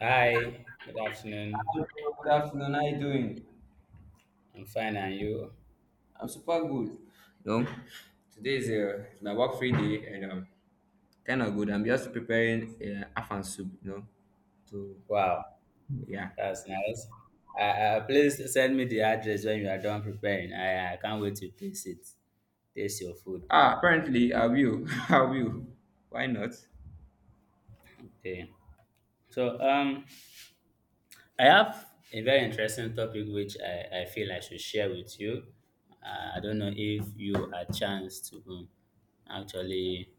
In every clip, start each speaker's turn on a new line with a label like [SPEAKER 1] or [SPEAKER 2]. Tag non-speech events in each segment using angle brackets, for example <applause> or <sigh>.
[SPEAKER 1] Hi, good afternoon.
[SPEAKER 2] Hello, good afternoon. How you doing?
[SPEAKER 1] I'm fine, and you?
[SPEAKER 2] I'm super good. No, today is my work free day and kind of good. I'm just preparing afan soup, you know. To
[SPEAKER 1] Wow,
[SPEAKER 2] yeah.
[SPEAKER 1] that's nice. Please send me the address when you are done preparing. I can't wait to taste it. Taste your food.
[SPEAKER 2] Ah, apparently I will. <laughs> I will. Why not?
[SPEAKER 1] Okay. So um, I have a very interesting topic which I feel I should share with you. I don't know if you had chance to actually,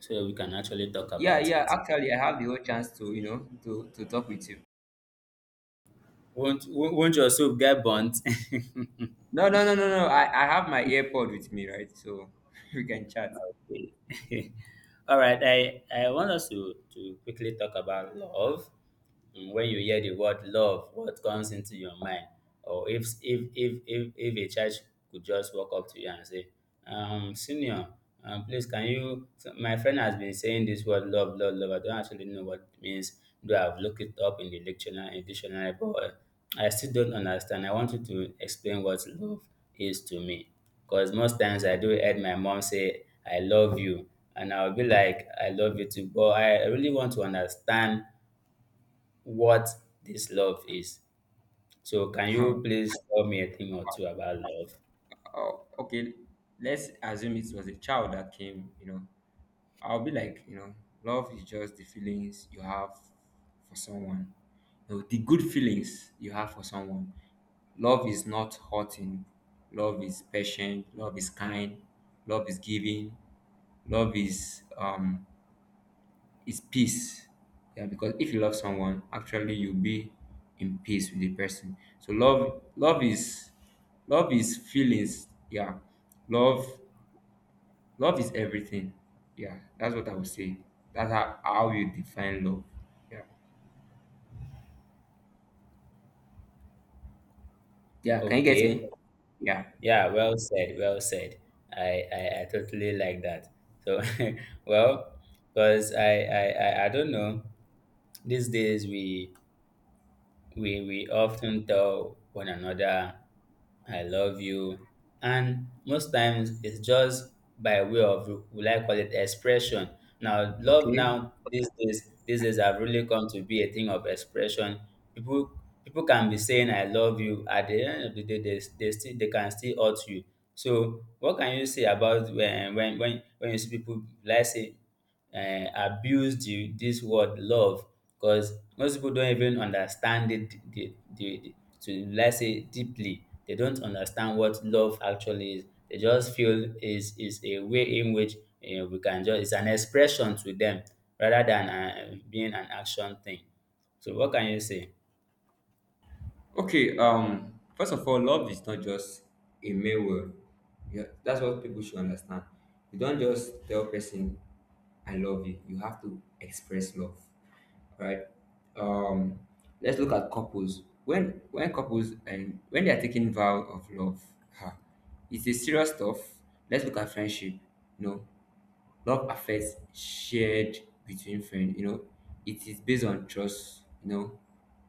[SPEAKER 1] so we can actually talk
[SPEAKER 2] Yeah,
[SPEAKER 1] about
[SPEAKER 2] yeah.
[SPEAKER 1] it.
[SPEAKER 2] Actually, I have the whole chance to you know to talk with you.
[SPEAKER 1] Won't your soup get burnt? <laughs>
[SPEAKER 2] No, no, no, no, no. I have my AirPod with me, right? So <laughs> we can chat.
[SPEAKER 1] <laughs> All right, I want us to quickly talk about love. When you hear the word love, what comes into your mind? Or if a child could just walk up to you and say, senior, please, can you, so my friend has been saying this word love, love, love, I don't actually know what it means. Do I've looked it up in the dictionary, in dictionary, but I still don't understand. I want you to explain what love is to me, because most times I do heard my mom say I love you, and I'll be like I love you too, but I really want to understand what this love is. So, can you
[SPEAKER 2] <laughs>
[SPEAKER 1] please tell me a thing or two about love?
[SPEAKER 2] Oh, okay. Let's assume it was a child that came, you know, I'll be like, you know, love is just the feelings you have for someone. You know, the good feelings you have for someone. Love is not hurting. Love is patient. Love is kind. Love is giving. Love is peace. Yeah, because if you love someone, actually you'll be in peace with the person. So love is love is feelings. Yeah. Love Love is everything. Yeah, that's what I would say. That's how you define love. Yeah. Yeah, can you get
[SPEAKER 1] Okay.
[SPEAKER 2] me? Yeah.
[SPEAKER 1] Yeah, well said, well said. I totally like that. So, <laughs> well, because I don't know, these days we we often tell one another, I love you. And most times it's just by way of, will I call it expression. Now, love
[SPEAKER 2] Okay.
[SPEAKER 1] now, these days have really come to be a thing of expression. People can be saying I love you. At the end of the day, they still they can still hurt you. So what can you say about when you see people, let's say abuse this word love? Because most people don't even understand it, to let's say, deeply, they don't understand what love actually is. They just feel is a way in which you we can just, it's an expression to them rather than being an action thing. So what can you say?
[SPEAKER 2] Okay, first of all, love is not just a mere word. Yeah, that's what people should understand. You don't just tell person I love you. You have to express love. Right? Um, let's look at couples. When couples and when they are taking vow of love, ha, it's a serious stuff. Let's look at friendship. You know, love affairs shared between friends, you know, it is based on trust, you know,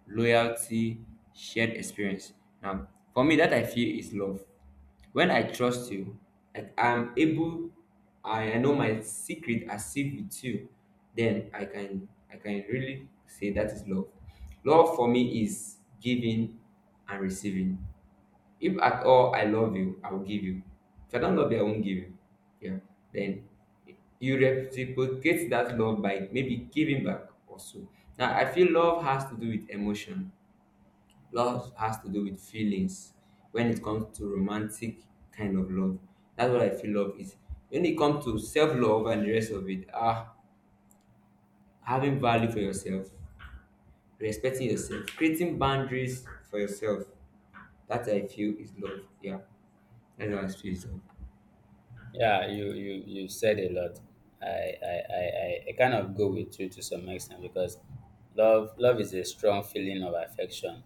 [SPEAKER 2] loyalty, shared experience. Now for me, that I feel is love. When I trust you, like I'm able, I know my secret as if with you, then i can really say that is love. For me is giving and receiving. If at all I love you, I will give you. If I don't love you, I won't give you. Yeah. Then you reciprocate that love by maybe giving back also. Now I feel love has to do with emotion. Love has to do with feelings when it comes to romantic kind of love. That's what I feel love is. When it comes to self-love and the rest of it, ah, having value for yourself, respecting yourself, creating boundaries for yourself. That I feel is love. Yeah. That's how I feel is love.
[SPEAKER 1] Yeah, you said a lot. I kind of go with you to some extent, because love is a strong feeling of affection,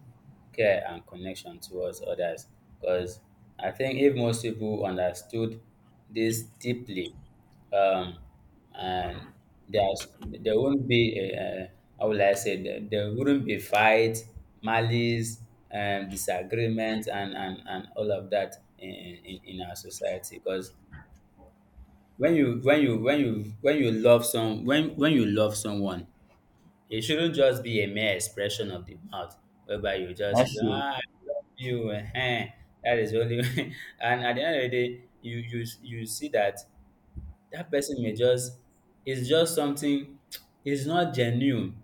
[SPEAKER 1] care, and connection towards others. Because I think if most people understood this deeply, um, and there won't be a, how will I say, there wouldn't be fight, malice, disagreement, and all of that in in our society. Because when you when you when you when you love some, when you love someone, it shouldn't just be a mere expression of the mouth, whereby you just say, ah, I love you, that is only. <laughs> And at the end of the day, you see that that person may just, it's just something. <tsk> It's not genuine.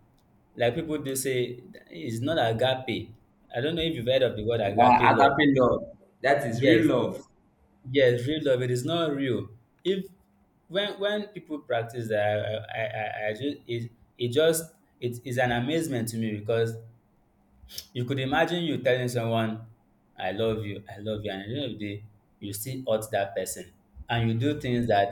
[SPEAKER 1] Like people do say, it's not agape. I don't know if you've heard of the word
[SPEAKER 2] Yeah,
[SPEAKER 1] agape love.
[SPEAKER 2] agape love. That is real
[SPEAKER 1] Yes.
[SPEAKER 2] love.
[SPEAKER 1] Yes, real love. It is not real. If when people practice that, I just it, it just it is an amazement to me. Because you could imagine you telling someone, I love you," and at the end of the day, you still hurt that person, and you do things that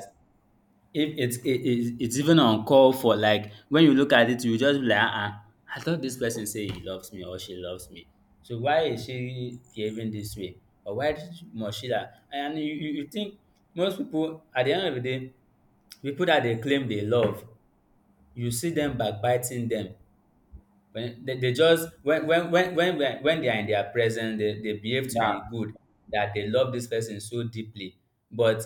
[SPEAKER 1] if it's it it's even uncalled for. Like, when you look at it, you just be like, "Uh-uh, I thought this person say he loves me or she loves me. So why is she behaving this way? Or why did- must she that?" And you think most people, at the end of the day, people that they claim they love, you see them backbiting them. When they just when they are in their presence, they behave to
[SPEAKER 2] Yeah.
[SPEAKER 1] be good, that they love this person so deeply. But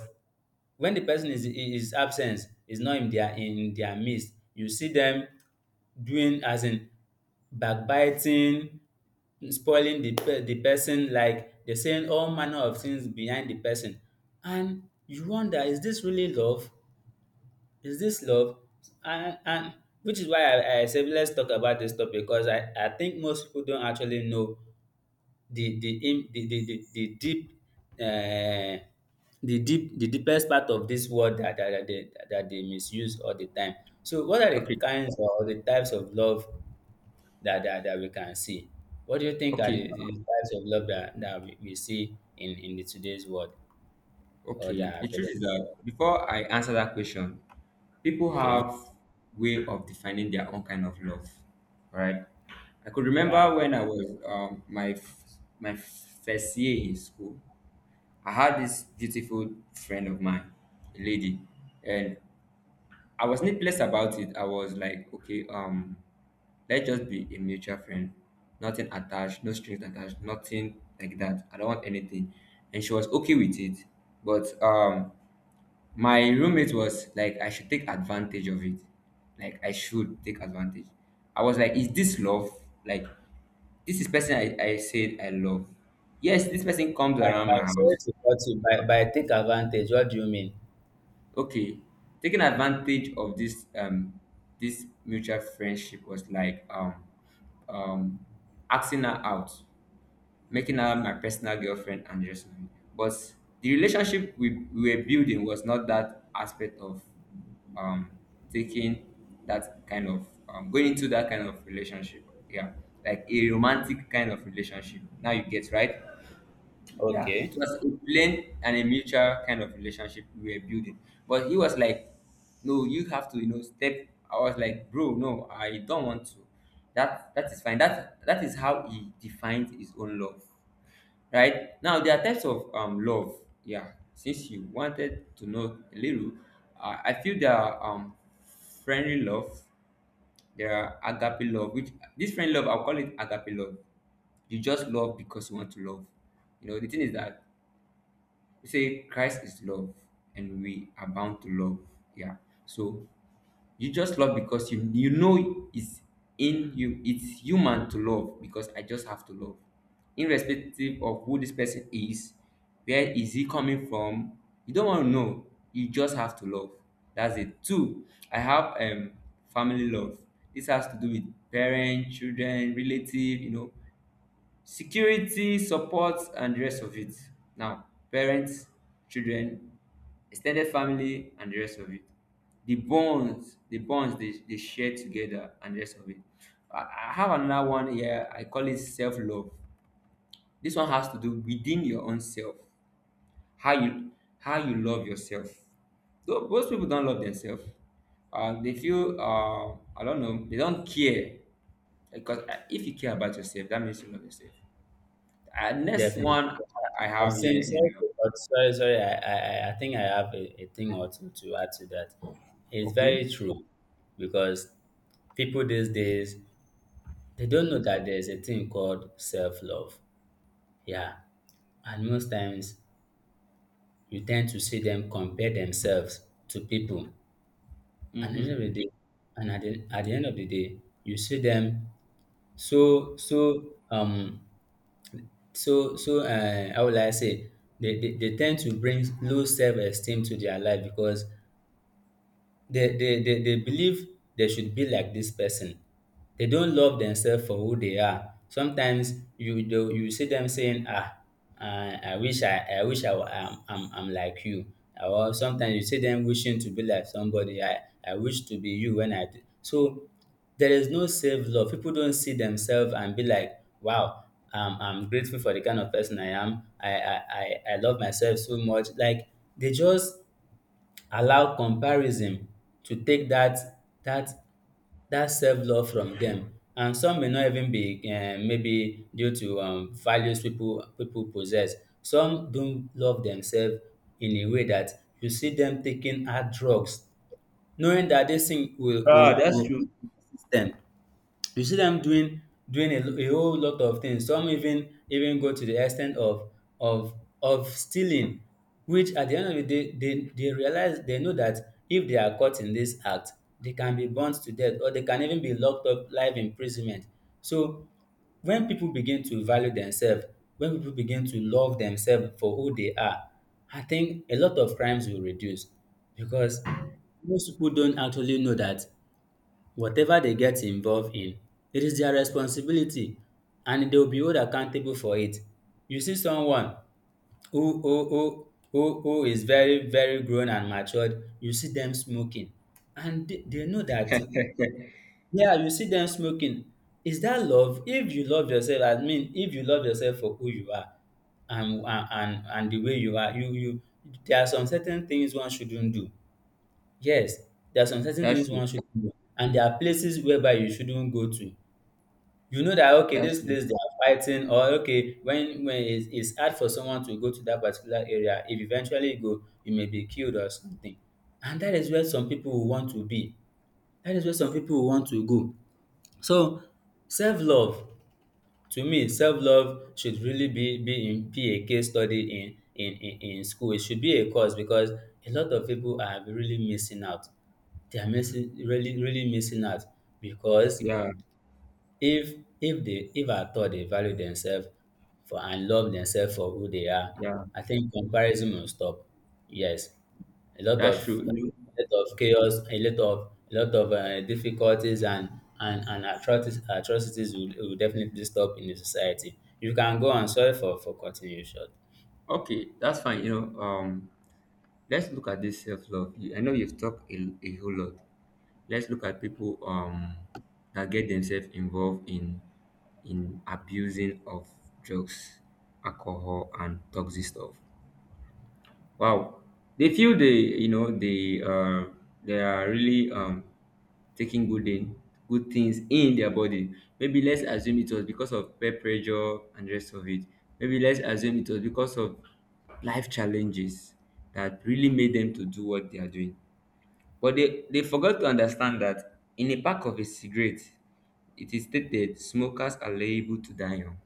[SPEAKER 1] when the person is absent, is not in their midst, you see them doing, as in backbiting, spoiling the pe- the person, like they're saying all manner of things behind the person. And you wonder, is this really love? Is this love? And which is why I said let's talk about this topic, because I think most people don't actually know the im the deep um the deep the deepest part of this world that they that they misuse all the time. So what are the
[SPEAKER 2] Okay.
[SPEAKER 1] kinds or the types of love that that we can see? What do you think are
[SPEAKER 2] Okay.
[SPEAKER 1] the types of love that, that we see in the today's world or
[SPEAKER 2] Okay.
[SPEAKER 1] that are
[SPEAKER 2] The truth
[SPEAKER 1] available?
[SPEAKER 2] is that before I answer that question, people
[SPEAKER 1] Okay.
[SPEAKER 2] have way of defining their own kind of love. Alright. I could
[SPEAKER 1] Yeah.
[SPEAKER 2] remember when I was my first year in school. I had this beautiful friend of mine, a lady, and I was needless about it. I was like, okay, let's just be a mutual friend. Nothing attached, no strings attached, nothing like that. I don't want anything. And she was okay with it. But my roommate was like I should take advantage of it. Like I should take advantage. I was like, is this love? Like this is person I said I love. Yes, this person comes around
[SPEAKER 1] By,
[SPEAKER 2] my
[SPEAKER 1] sorry
[SPEAKER 2] house.
[SPEAKER 1] to cut you, by take advantage, what do you mean?
[SPEAKER 2] Okay. Taking advantage of this this mutual friendship was like um asking her out, making her my personal girlfriend and just married. But the relationship we were building was not that aspect of um, taking that kind of going into that kind of relationship. Yeah, like a romantic kind of relationship. Now you get right. Yeah,
[SPEAKER 1] Okay,
[SPEAKER 2] it was a plain and a mutual kind of relationship we were building. But he was like, "No, you have to, you know, step." I was like, "Bro, no, I don't want to." That that is fine. That that is how he defined his own love, right? Now there are types of love. Yeah, since you wanted to know a little, I feel there are friendly love. There are agape love, which this friendly love I'll call it agape love. You just love because you want to love. You know the thing is that we say Christ is love, and we are bound to love. Yeah, so you just love because you know it's in you. It's human to love because I just have to love, irrespective of who this person is, where is he coming from. You don't want to know, you just have to love. That's it. Two, i have family love. This has to do with parents, children, relative, you know, security, support, and the rest of it. Now parents, children, extended family, and the rest of it, the bonds they share together and the rest of it i I have another one here, I call it self-love. This one has to do within your own self, how you love yourself. Most people don't love themselves. They feel, I don't know, they don't care, because if you care about yourself, that means you love yourself. Next
[SPEAKER 1] definitely.
[SPEAKER 2] one I
[SPEAKER 1] I
[SPEAKER 2] have here
[SPEAKER 1] think
[SPEAKER 2] is
[SPEAKER 1] so, but sorry, sorry. I think I have a thing or two to add to that. It's
[SPEAKER 2] okay.
[SPEAKER 1] very true, because people these days, they don't know that there's a thing called self-love. Yeah, and most times you tend to see them compare themselves to people, and at the end
[SPEAKER 2] Mm-hmm.
[SPEAKER 1] of the day, at the end of the day, you see them so so um how will I say, they ten to bring low self esteem to their life, because they believe they should be like this person. They don't love themselves for who they are. Sometimes you do, you see them saying, ah, I wish I wish I, wa- I'm like you. Or sometimes you see them wishing to be like somebody. I wish to be you when I do. So there is no self love. People don't see themselves and be like, wow, I'm grateful for the kind of person I am. I love myself so much. Like they just allow comparison to take that that self-love from them, and some may not even be maybe due to values people possess. Some don't love themselves in a way that you see them taking hard drugs, knowing that this thing
[SPEAKER 2] Ah, that's
[SPEAKER 1] will
[SPEAKER 2] true.
[SPEAKER 1] affect them. You see them doing a whole lot of things. Some even go to the extent of of of stealing, which at the end of the day they realize, they know that if they are caught in this act, they can be burnt to death, or they can even be locked up life imprisonment. So when people begin to value themselves, when people begin to love themselves for who they are, I think a lot of crimes will reduce, because most people don't actually know that whatever they get involved in, it is their responsibility, and they'll be held accountable for it. You see someone who is very grown and matured, you see them smoking, and they know that, yeah, you see them smoking. Is that love? If you love yourself, I mean if you love yourself for who you are and the way you are, you there are some certain things one shouldn't do. Yes, there are some certain
[SPEAKER 2] That's
[SPEAKER 1] things
[SPEAKER 2] true.
[SPEAKER 1] one shouldn't do, and there are places whereby you shouldn't go to. You know that, okay,
[SPEAKER 2] That's
[SPEAKER 1] this
[SPEAKER 2] true.
[SPEAKER 1] place they are fighting, or okay, when it's hard for someone to go to that particular area, if eventually you go, you may be killed or something. And that is where some people will want to be. That is where some people will want to go. So self-love, to me, self-love should really be in be a case study in in school. It should be a course, because a lot of people are really missing out. They are missing, really missing out, because
[SPEAKER 2] Yeah,
[SPEAKER 1] if they if at all they value themselves for and love themselves for who they are,
[SPEAKER 2] yeah,
[SPEAKER 1] I think comparison will stop. Yes, a lot
[SPEAKER 2] that's true.
[SPEAKER 1] of
[SPEAKER 2] You know,
[SPEAKER 1] a lot of chaos, a lot of difficulties and and atrocities will definitely stop in the society. You can go and, sorry for continuation.
[SPEAKER 2] okay, that's fine. You know, let's look at this self love. I know you've talked a whole lot. Let's look at people that get themselves involved in abusing of drugs, alcohol, and toxic stuff. Wow, they feel they you know they are really taking good in good things in their body. Maybe let's assume it was because of peer pressure and rest of it. Maybe let's assume it was because of life challenges that really made them to do what they are doing. But they forgot to understand that in a pack of a cigarette, it is stated smokers are liable to die young.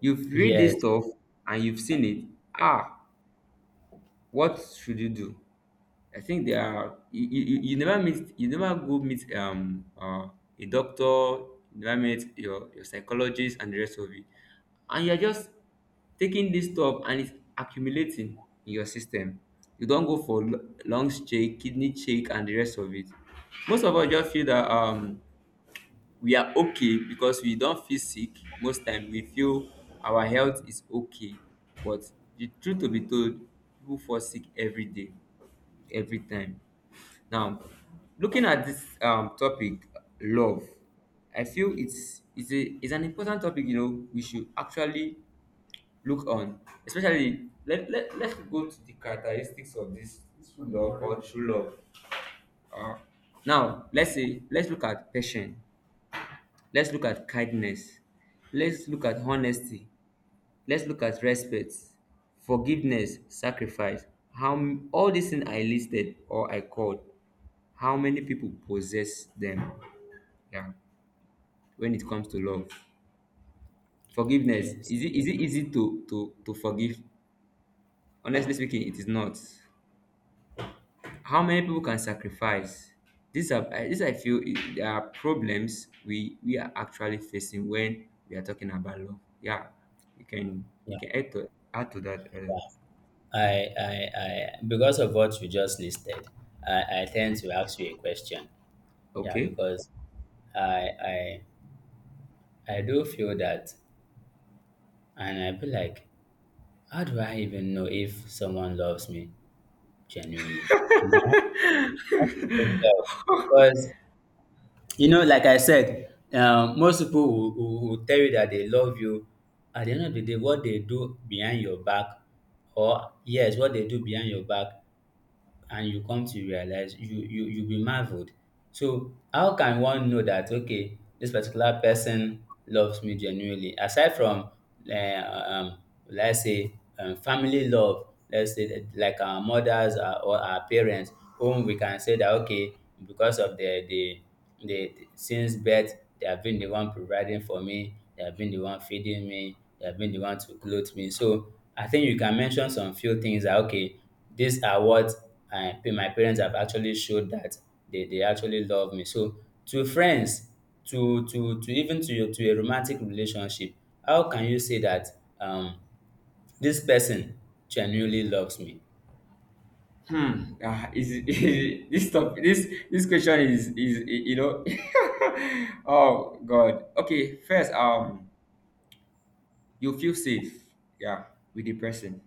[SPEAKER 2] You've read this
[SPEAKER 1] Yes,
[SPEAKER 2] stuff and you've seen it. Ah, what should you do? I think they are you, you, you you never meet you never go meet a doctor, you never meet your psychologist and the rest of it. And you're just taking this stuff and it's accumulating in your system. You don't go for lungs check, kidney check, and the rest of it. Most of us just feel that we are okay because we don't feel sick. Most time we feel our health is okay, but the truth to be told, people fall sick every day, every time. Now, looking at this topic love, I feel it's a it's an important topic, you know, we should actually look on, especially let let's go to the characteristics of this love or true love. uh, Now let's say let's look at passion. Let's look at kindness. Let's look at honesty. Let's look at respect, forgiveness, sacrifice. All these things I listed or I called, how many people possess them? Yeah, when it comes to love, forgiveness,
[SPEAKER 1] yes,
[SPEAKER 2] is it easy to forgive? Honestly speaking, it is not. How many people can sacrifice? These I feel there are problems we are actually facing when we are talking about love. Yeah, you
[SPEAKER 1] yeah,
[SPEAKER 2] can add to that.
[SPEAKER 1] yeah. I, because of what you just listed, I tend to ask you a question. Yeah,
[SPEAKER 2] Okay.
[SPEAKER 1] because I, I, I do feel that, and I be like, how do I even know if someone loves me genuinely? I mean, how can you tell? Because you know, like I said, most people will tell you that they love you. At the end of the day, what they do behind your back, or yes, what they do behind your back and you come to realize you'll be marveled. So how can one know that, okay, this particular person loves me genuinely, aside from let's say family love? Let's say that, like, our mothers or our parents, whom we can say that, okay, because of the since birth they have been the one providing for me, they have been the one feeding me, they have been the one to clothe me. So I think you can mention some few things that, okay, these are what I my parents have actually showed that they actually love me. So to friends, to even to your to a romantic relationship, how can you say that um this person genuinely loves me?
[SPEAKER 2] Hmm. Is, <laughs> is this this question is you know. <laughs> Oh God. Okay. First, you feel safe. Yeah, with the person.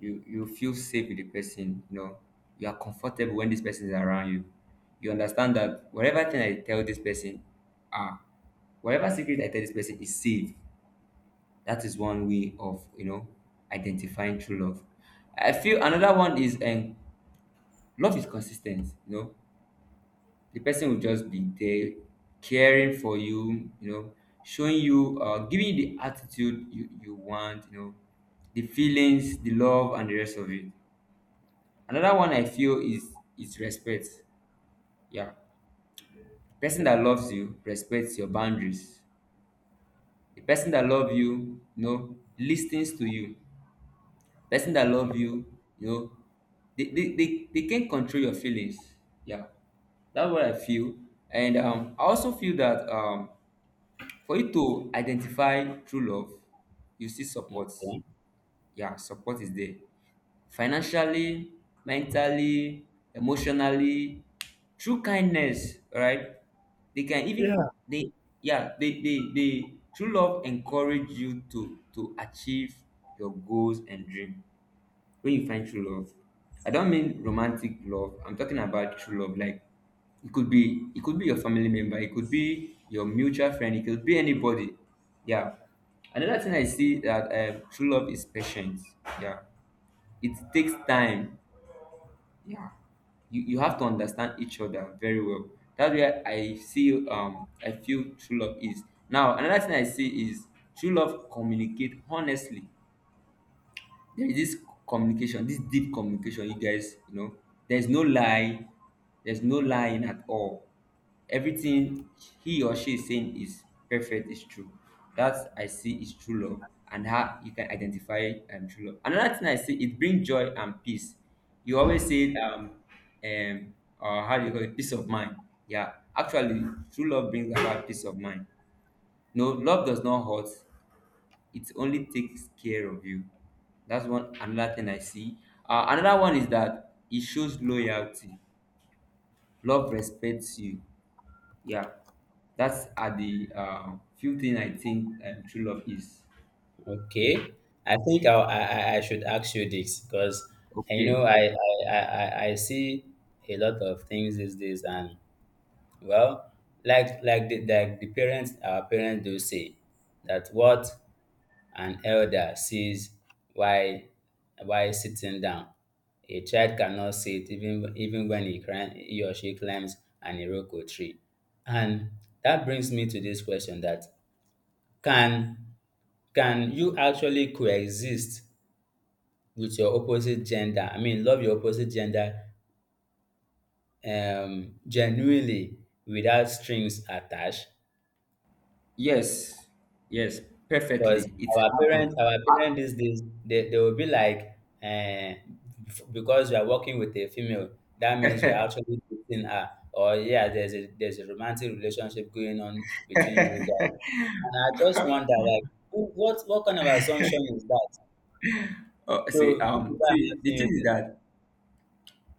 [SPEAKER 2] You feel safe with the person, you know. You are comfortable when this person is around you. You understand that whatever thing I tell this person, ah, whatever secret I tell this person, is safe. That is one way of, you know, identifying true love. I feel another one is love is consistent, you know, the person will just be there caring for you, you know, showing you giving you the attitude you want, you know, the feelings, the love, and the rest of it. Another one I feel is respect. Yeah. Person that loves you respects your boundaries. The person that love you, you know, listens to you. Person that love you, you know, they can control your feelings. Yeah. That's what I feel. And I also feel that for you to identify true love, you see support.
[SPEAKER 1] Okay.
[SPEAKER 2] Yeah, support is there. Financially, mentally, emotionally, through kindness, right? They can even they yeah, they true love encourage you to achieve your goals and dream when you find true love. I don't mean romantic love. I'm talking about true love, like it could be your family member, it could be your mutual friend, it could be anybody. Yeah. Another thing I see that true love is patience. Yeah, it takes time. Yeah. You have to understand each other very well. That's where I see I feel true love is. Now another thing I see is true love communicate honestly. There is this communication, this deep communication, you guys, there's no lie, there's no lying at all. Everything he or she is saying is perfect, is true. That I see is true love and how you can identify true love. Another thing I see, it brings joy and peace. You always say um or how do you call it, peace of mind. Yeah, actually, true love brings about peace of mind. No, love does not hurt, it only takes care of you. That's one another thing I see. Another one is that it shows loyalty. Love respects you. Yeah, that's are the few thing I think true love is.
[SPEAKER 1] Okay. I think I should ask you this, because you know
[SPEAKER 2] Okay.
[SPEAKER 1] I see a lot of things these days. And, well, like like the parents, our parents, do say that, what an elder sees "Why, why sitting down." A child cannot sit, even when he climb, he or she climbs an iroko tree. And that brings me to this question, that can can you actually coexist with your opposite gender? I mean, love your opposite gender genuinely, without strings attached.
[SPEAKER 2] Yes. Yes.
[SPEAKER 1] Because
[SPEAKER 2] Perfectly. It happened.
[SPEAKER 1] our parents these days, they will be like, because you are working with a female, that means you are
[SPEAKER 2] <laughs>
[SPEAKER 1] actually dating her. Or yeah, there's a romantic relationship going on between you guys. And I just wonder, like, what kind of assumption is that?
[SPEAKER 2] Oh, see,
[SPEAKER 1] So this is why I'm
[SPEAKER 2] see, the
[SPEAKER 1] asking you
[SPEAKER 2] truth is
[SPEAKER 1] this.
[SPEAKER 2] that,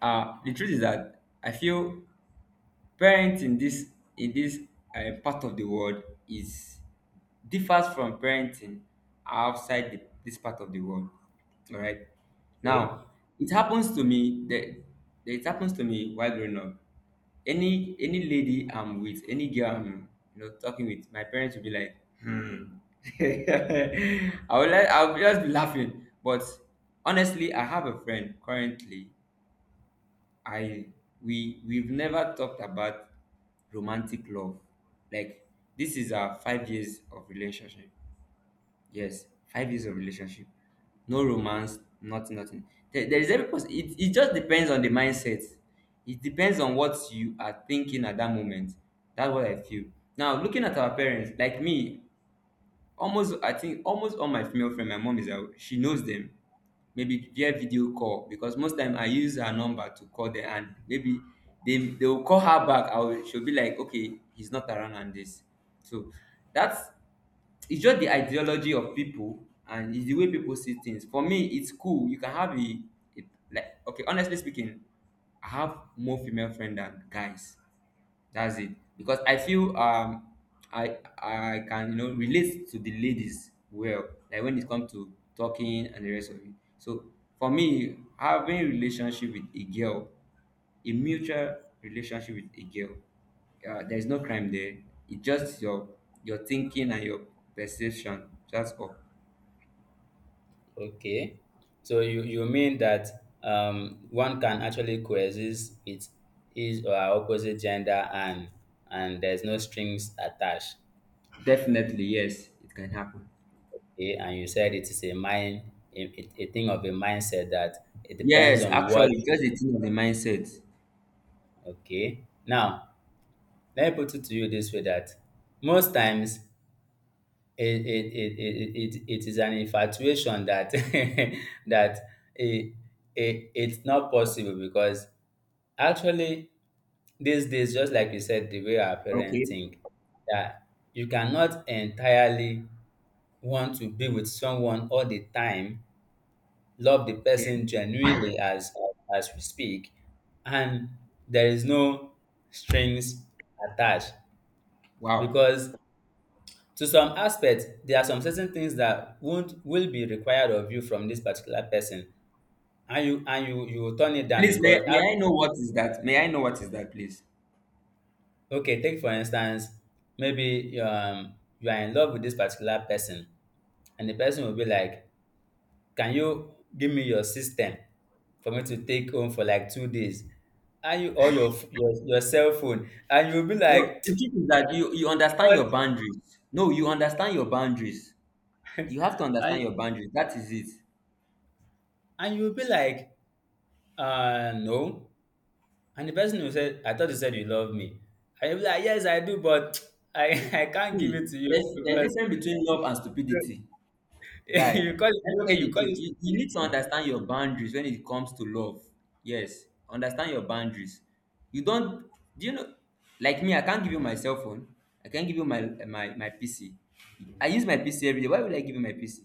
[SPEAKER 2] the truth is that I feel parents in this part of the world is differs from parenting outside this part of the world. All right.
[SPEAKER 1] Okay,
[SPEAKER 2] Now, it happens to me that it happens to me while growing up. Any lady I'm with, any girl I'm talking with, my parents will be like, <laughs> I will like, I'll just be laughing. But honestly, I have a friend currently. I we've never talked about romantic love. Like, this is our 5 years of relationship. Yes, 5 years of relationship. No romance, nothing, nothing. There is every person. It just depends on the mindset. It depends on what you are thinking at that moment. That's what I feel. Now, looking at our parents, like me, almost, I think almost all my female friends, my mom is out, she knows them. Maybe via video call, because most time I use her number to call them and maybe they will call her back. I will, she'll be like, okay, he's not around and this. So that's it's just the ideology of people and it's the way people see things. For me, it's cool. You can have a like okay, honestly speaking, I have more female friends than guys. That's it. Because I feel I can relate to the ladies well, like when it comes to talking and the rest of it. So for me, having relationship with a girl, a mutual relationship with a girl. There is no crime there. It's just your thinking and your perception. That's all.
[SPEAKER 1] okay. So you mean that one can actually coexist with his or her opposite gender, and there's no strings attached.
[SPEAKER 2] Definitely, yes, it can happen.
[SPEAKER 1] Okay, and you said it is a mind, a thing of a mindset, that it depends
[SPEAKER 2] Yes,
[SPEAKER 1] on what.
[SPEAKER 2] actually, just a thing of the mindset.
[SPEAKER 1] Okay, now let me put it to you this way, that most times it is an infatuation that <laughs> that it, it it's not possible, because actually these days, just like you said, the way our parents
[SPEAKER 2] Okay,
[SPEAKER 1] think, that you cannot entirely want to be with someone all the time, love the
[SPEAKER 2] okay.
[SPEAKER 1] person genuinely as we speak, and there is no strings attached,
[SPEAKER 2] Wow.
[SPEAKER 1] because to some aspects, there are some certain things that won't will be required of you from this particular person, and you you will turn it down
[SPEAKER 2] Please,
[SPEAKER 1] because, ah,
[SPEAKER 2] may I know what is that? May I know what is that, please?
[SPEAKER 1] okay, take for instance, maybe you are in love with this particular person, and the person will be like, "Can you give me your system for me to take home for like 2 days?" And you or your cell phone, and you'll be
[SPEAKER 2] No,
[SPEAKER 1] like,
[SPEAKER 2] the truth is that you
[SPEAKER 1] <tsk>
[SPEAKER 2] understand
[SPEAKER 1] what?
[SPEAKER 2] your boundaries. No, you understand your boundaries.
[SPEAKER 1] <laughs>
[SPEAKER 2] You have to
[SPEAKER 1] and,
[SPEAKER 2] understand your boundaries. That is it.
[SPEAKER 1] and you'll be like, uh, no. And the person who said, "I thought you said you love me." And you'll be like, yes, I do, but <tsk> I, <laughs> I can't give
[SPEAKER 2] See,
[SPEAKER 1] it to you
[SPEAKER 2] there's
[SPEAKER 1] because
[SPEAKER 2] difference between love and
[SPEAKER 1] <laughs>
[SPEAKER 2] stupidity. Guy,
[SPEAKER 1] you call
[SPEAKER 2] let me
[SPEAKER 1] it, okay,
[SPEAKER 2] tell you
[SPEAKER 1] you
[SPEAKER 2] the
[SPEAKER 1] call
[SPEAKER 2] truth.
[SPEAKER 1] it
[SPEAKER 2] You need to
[SPEAKER 1] stupidity.
[SPEAKER 2] understand your boundaries when it comes to love. Yes, understand your boundaries. You don't, do you know, like me, I can't give you my cell phone. I can't give you my PC. I use my PC every day. Why would I give you my PC?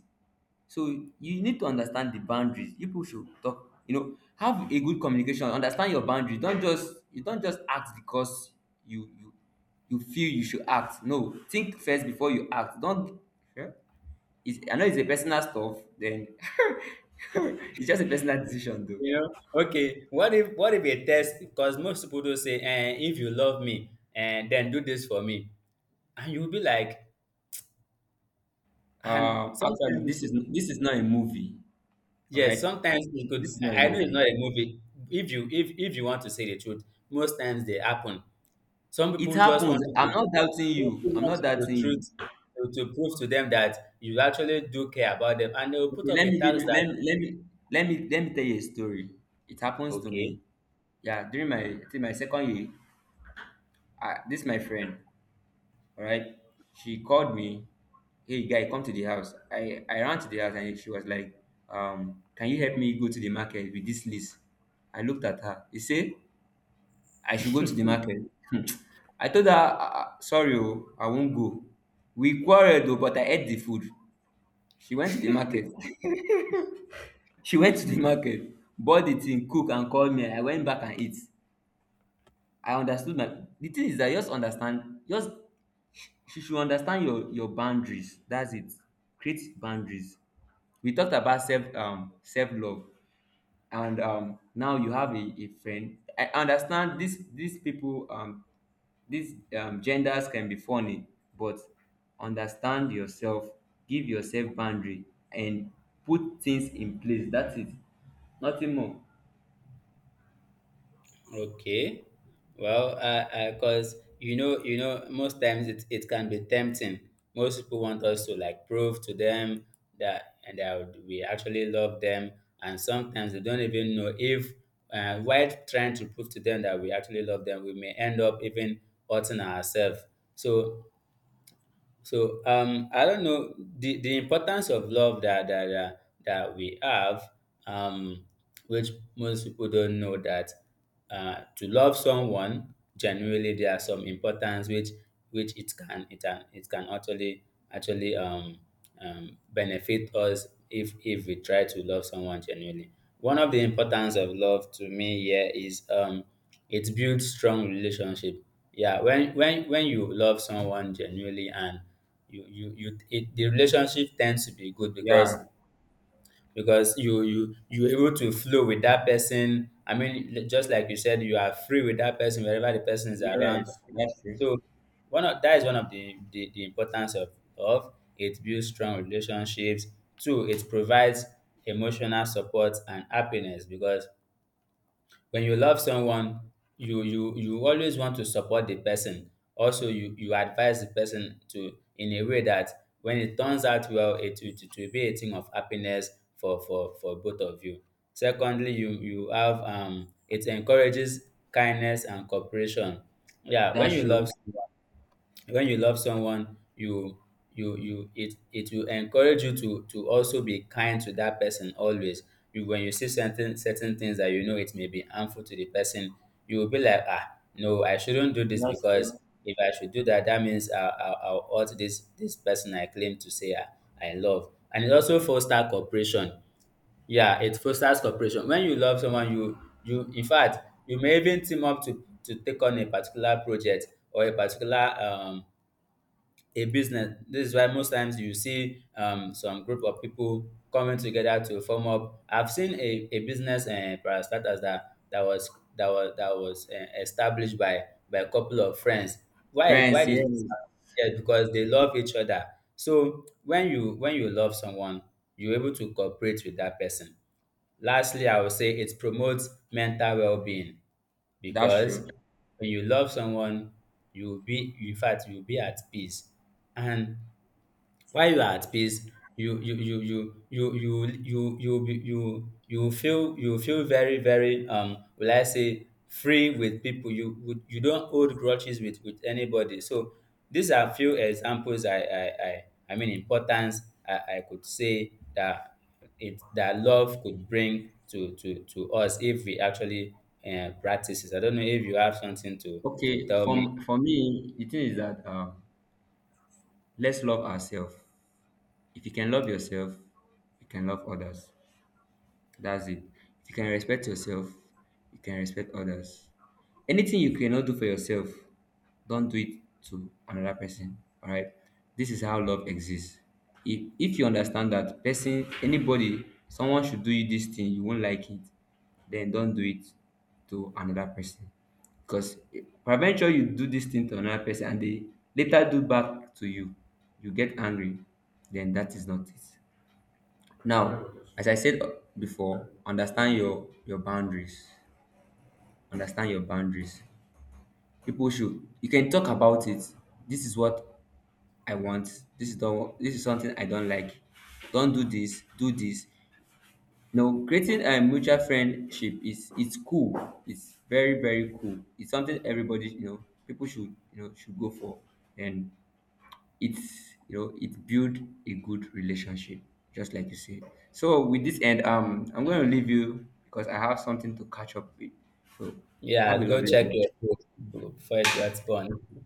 [SPEAKER 2] So you need to understand the boundaries. You People should talk, you know, have a good communication. Understand your boundaries. Don't just act because you you feel you should act. No, think first before you act. Don't, yeah? It's, I know it's a personal stuff. Then <laughs> it's just a personal decision, though.
[SPEAKER 1] You know, okay. What if, what if a test? Because most people do say, eh, if you love me, and then do this for me, and you'll be like, and
[SPEAKER 2] Actually,
[SPEAKER 1] sometimes it could,
[SPEAKER 2] this is not a movie. All
[SPEAKER 1] yes,
[SPEAKER 2] right,
[SPEAKER 1] sometimes it
[SPEAKER 2] this
[SPEAKER 1] could,
[SPEAKER 2] is not a
[SPEAKER 1] I know it's
[SPEAKER 2] movie.
[SPEAKER 1] not a movie. If you, if you want to say the truth, most times they happen. Some
[SPEAKER 2] It
[SPEAKER 1] people just
[SPEAKER 2] happens.
[SPEAKER 1] want to,
[SPEAKER 2] I'm not doubting
[SPEAKER 1] some
[SPEAKER 2] you.
[SPEAKER 1] people
[SPEAKER 2] I'm
[SPEAKER 1] want
[SPEAKER 2] not
[SPEAKER 1] to,
[SPEAKER 2] doubting
[SPEAKER 1] the
[SPEAKER 2] you.
[SPEAKER 1] truth, to, prove to them that you actually do care about them, and they will put
[SPEAKER 2] Okay,
[SPEAKER 1] up
[SPEAKER 2] let
[SPEAKER 1] a
[SPEAKER 2] me give
[SPEAKER 1] tax
[SPEAKER 2] you.
[SPEAKER 1] that,
[SPEAKER 2] Let me tell you a story. It happens to me.
[SPEAKER 1] okay.
[SPEAKER 2] Yeah, during my I think my second year, I, this my friend. All right. She called me, hey guy, come to the house. I ran to the house and she was like, can you help me go to the market with this list? I looked at her. He said, I should go to the market. <laughs> I told her, "Ah, ah, sorry, oh, I won't go. We quarreled though, but I ate the food. She went to the market. <laughs> She went to the market, bought the thing, cook and called me. I went back and eat. I understood my the thing is that just understand, just she should understand your boundaries. That's it, create boundaries. We talked about self self love, and now you have a friend. I understand this these people these genders can be funny, but understand yourself, give yourself boundary, and put things in place. That's it, nothing more.
[SPEAKER 1] Okay. Well, because you know, most times it, it can be tempting. Most people want us to, like, prove to them that, and that we actually love them, and sometimes we don't even know if, while trying to prove to them that we actually love them, we may end up even hurting ourselves. So so I don't know the importance of love that that we have, um, which most people don't know, that to love someone genuinely, there are some importance which it can it can actually actually benefit us if we try to love someone genuinely. One of the importance of love to me here is, it builds strong relationship. Yeah, when when you love someone genuinely, and the relationship tends to be good,
[SPEAKER 2] Yeah,
[SPEAKER 1] because you you're able to flow with that person. I mean, just like you said, you are free with that person wherever the person is around.
[SPEAKER 2] yes, that's true.
[SPEAKER 1] So one of that is one of the, the importance of, it builds strong relationships. Two, it provides emotional support and happiness, because when you love someone, you you always want to support the person. Also, you advise the person to, in a way that when it turns out well, it will, it will be a thing of happiness for for both of you. Secondly, you have, it encourages kindness and cooperation. Yeah, when
[SPEAKER 2] That's
[SPEAKER 1] you love
[SPEAKER 2] true.
[SPEAKER 1] someone, when you love someone, you you it, it will encourage you to also be kind to that person always. You, when you see certain certain things that you know it may be harmful to the person, you will be like, ah, no, I shouldn't do this,
[SPEAKER 2] That's
[SPEAKER 1] because
[SPEAKER 2] true.
[SPEAKER 1] if I should do that, that means I will hurt this person I claim to say I love. And it also fosters cooperation. Yeah, it fosters cooperation. When you love someone, you, in fact, you may even team up to take on a particular project, or a particular a business. This is why most times you see, some group of people coming together to form up. I've seen a business para starters that that was established by a couple of friends. Why is, why
[SPEAKER 2] Friends,
[SPEAKER 1] does this
[SPEAKER 2] yes,
[SPEAKER 1] happen? Yeah, because they love each other. So when you, when you love someone, you're able to cooperate with that person. Lastly, I would say it promotes mental well-being,
[SPEAKER 2] that's
[SPEAKER 1] because
[SPEAKER 2] true.
[SPEAKER 1] when you love someone, you will be, in fact, you will be at peace. And while you are at peace, you be- you feel, you feel very very, will I say, free with people. You would, you don't hold grudges with anybody. So these are few examples I mean, importance I could say that it, that love could bring to us if we actually practice it. I don't know if you have something to
[SPEAKER 2] Okay,
[SPEAKER 1] tell me.
[SPEAKER 2] from for me, the thing is that let's love ourselves. If you can love yourself, you can love others. That's it. If you can respect yourself, you can respect others. Anything you cannot do for yourself, don't do it to another person. All right, this is how love exists. If you understand that person, anybody, someone should do you this thing you won't like it, then don't do it to another person. Because peradventure you do this thing to another person and they later do back to you, you get angry, then that is not it. Now, as I said before, understand your boundaries. Understand your boundaries. People should. You can talk about it. This is what I want. This is don't this is something I don't like. Don't do this, do this. You know, creating a mutual friendship is it's cool. It's very, very cool. It's something everybody, you know, people should you know should go for. And it's you know it build a good relationship, just like you said. So with this end, I'm gonna leave you because I have something to catch up with. So have
[SPEAKER 1] Yeah,
[SPEAKER 2] a
[SPEAKER 1] go
[SPEAKER 2] lovely
[SPEAKER 1] check your
[SPEAKER 2] day.
[SPEAKER 1] food before it gets born.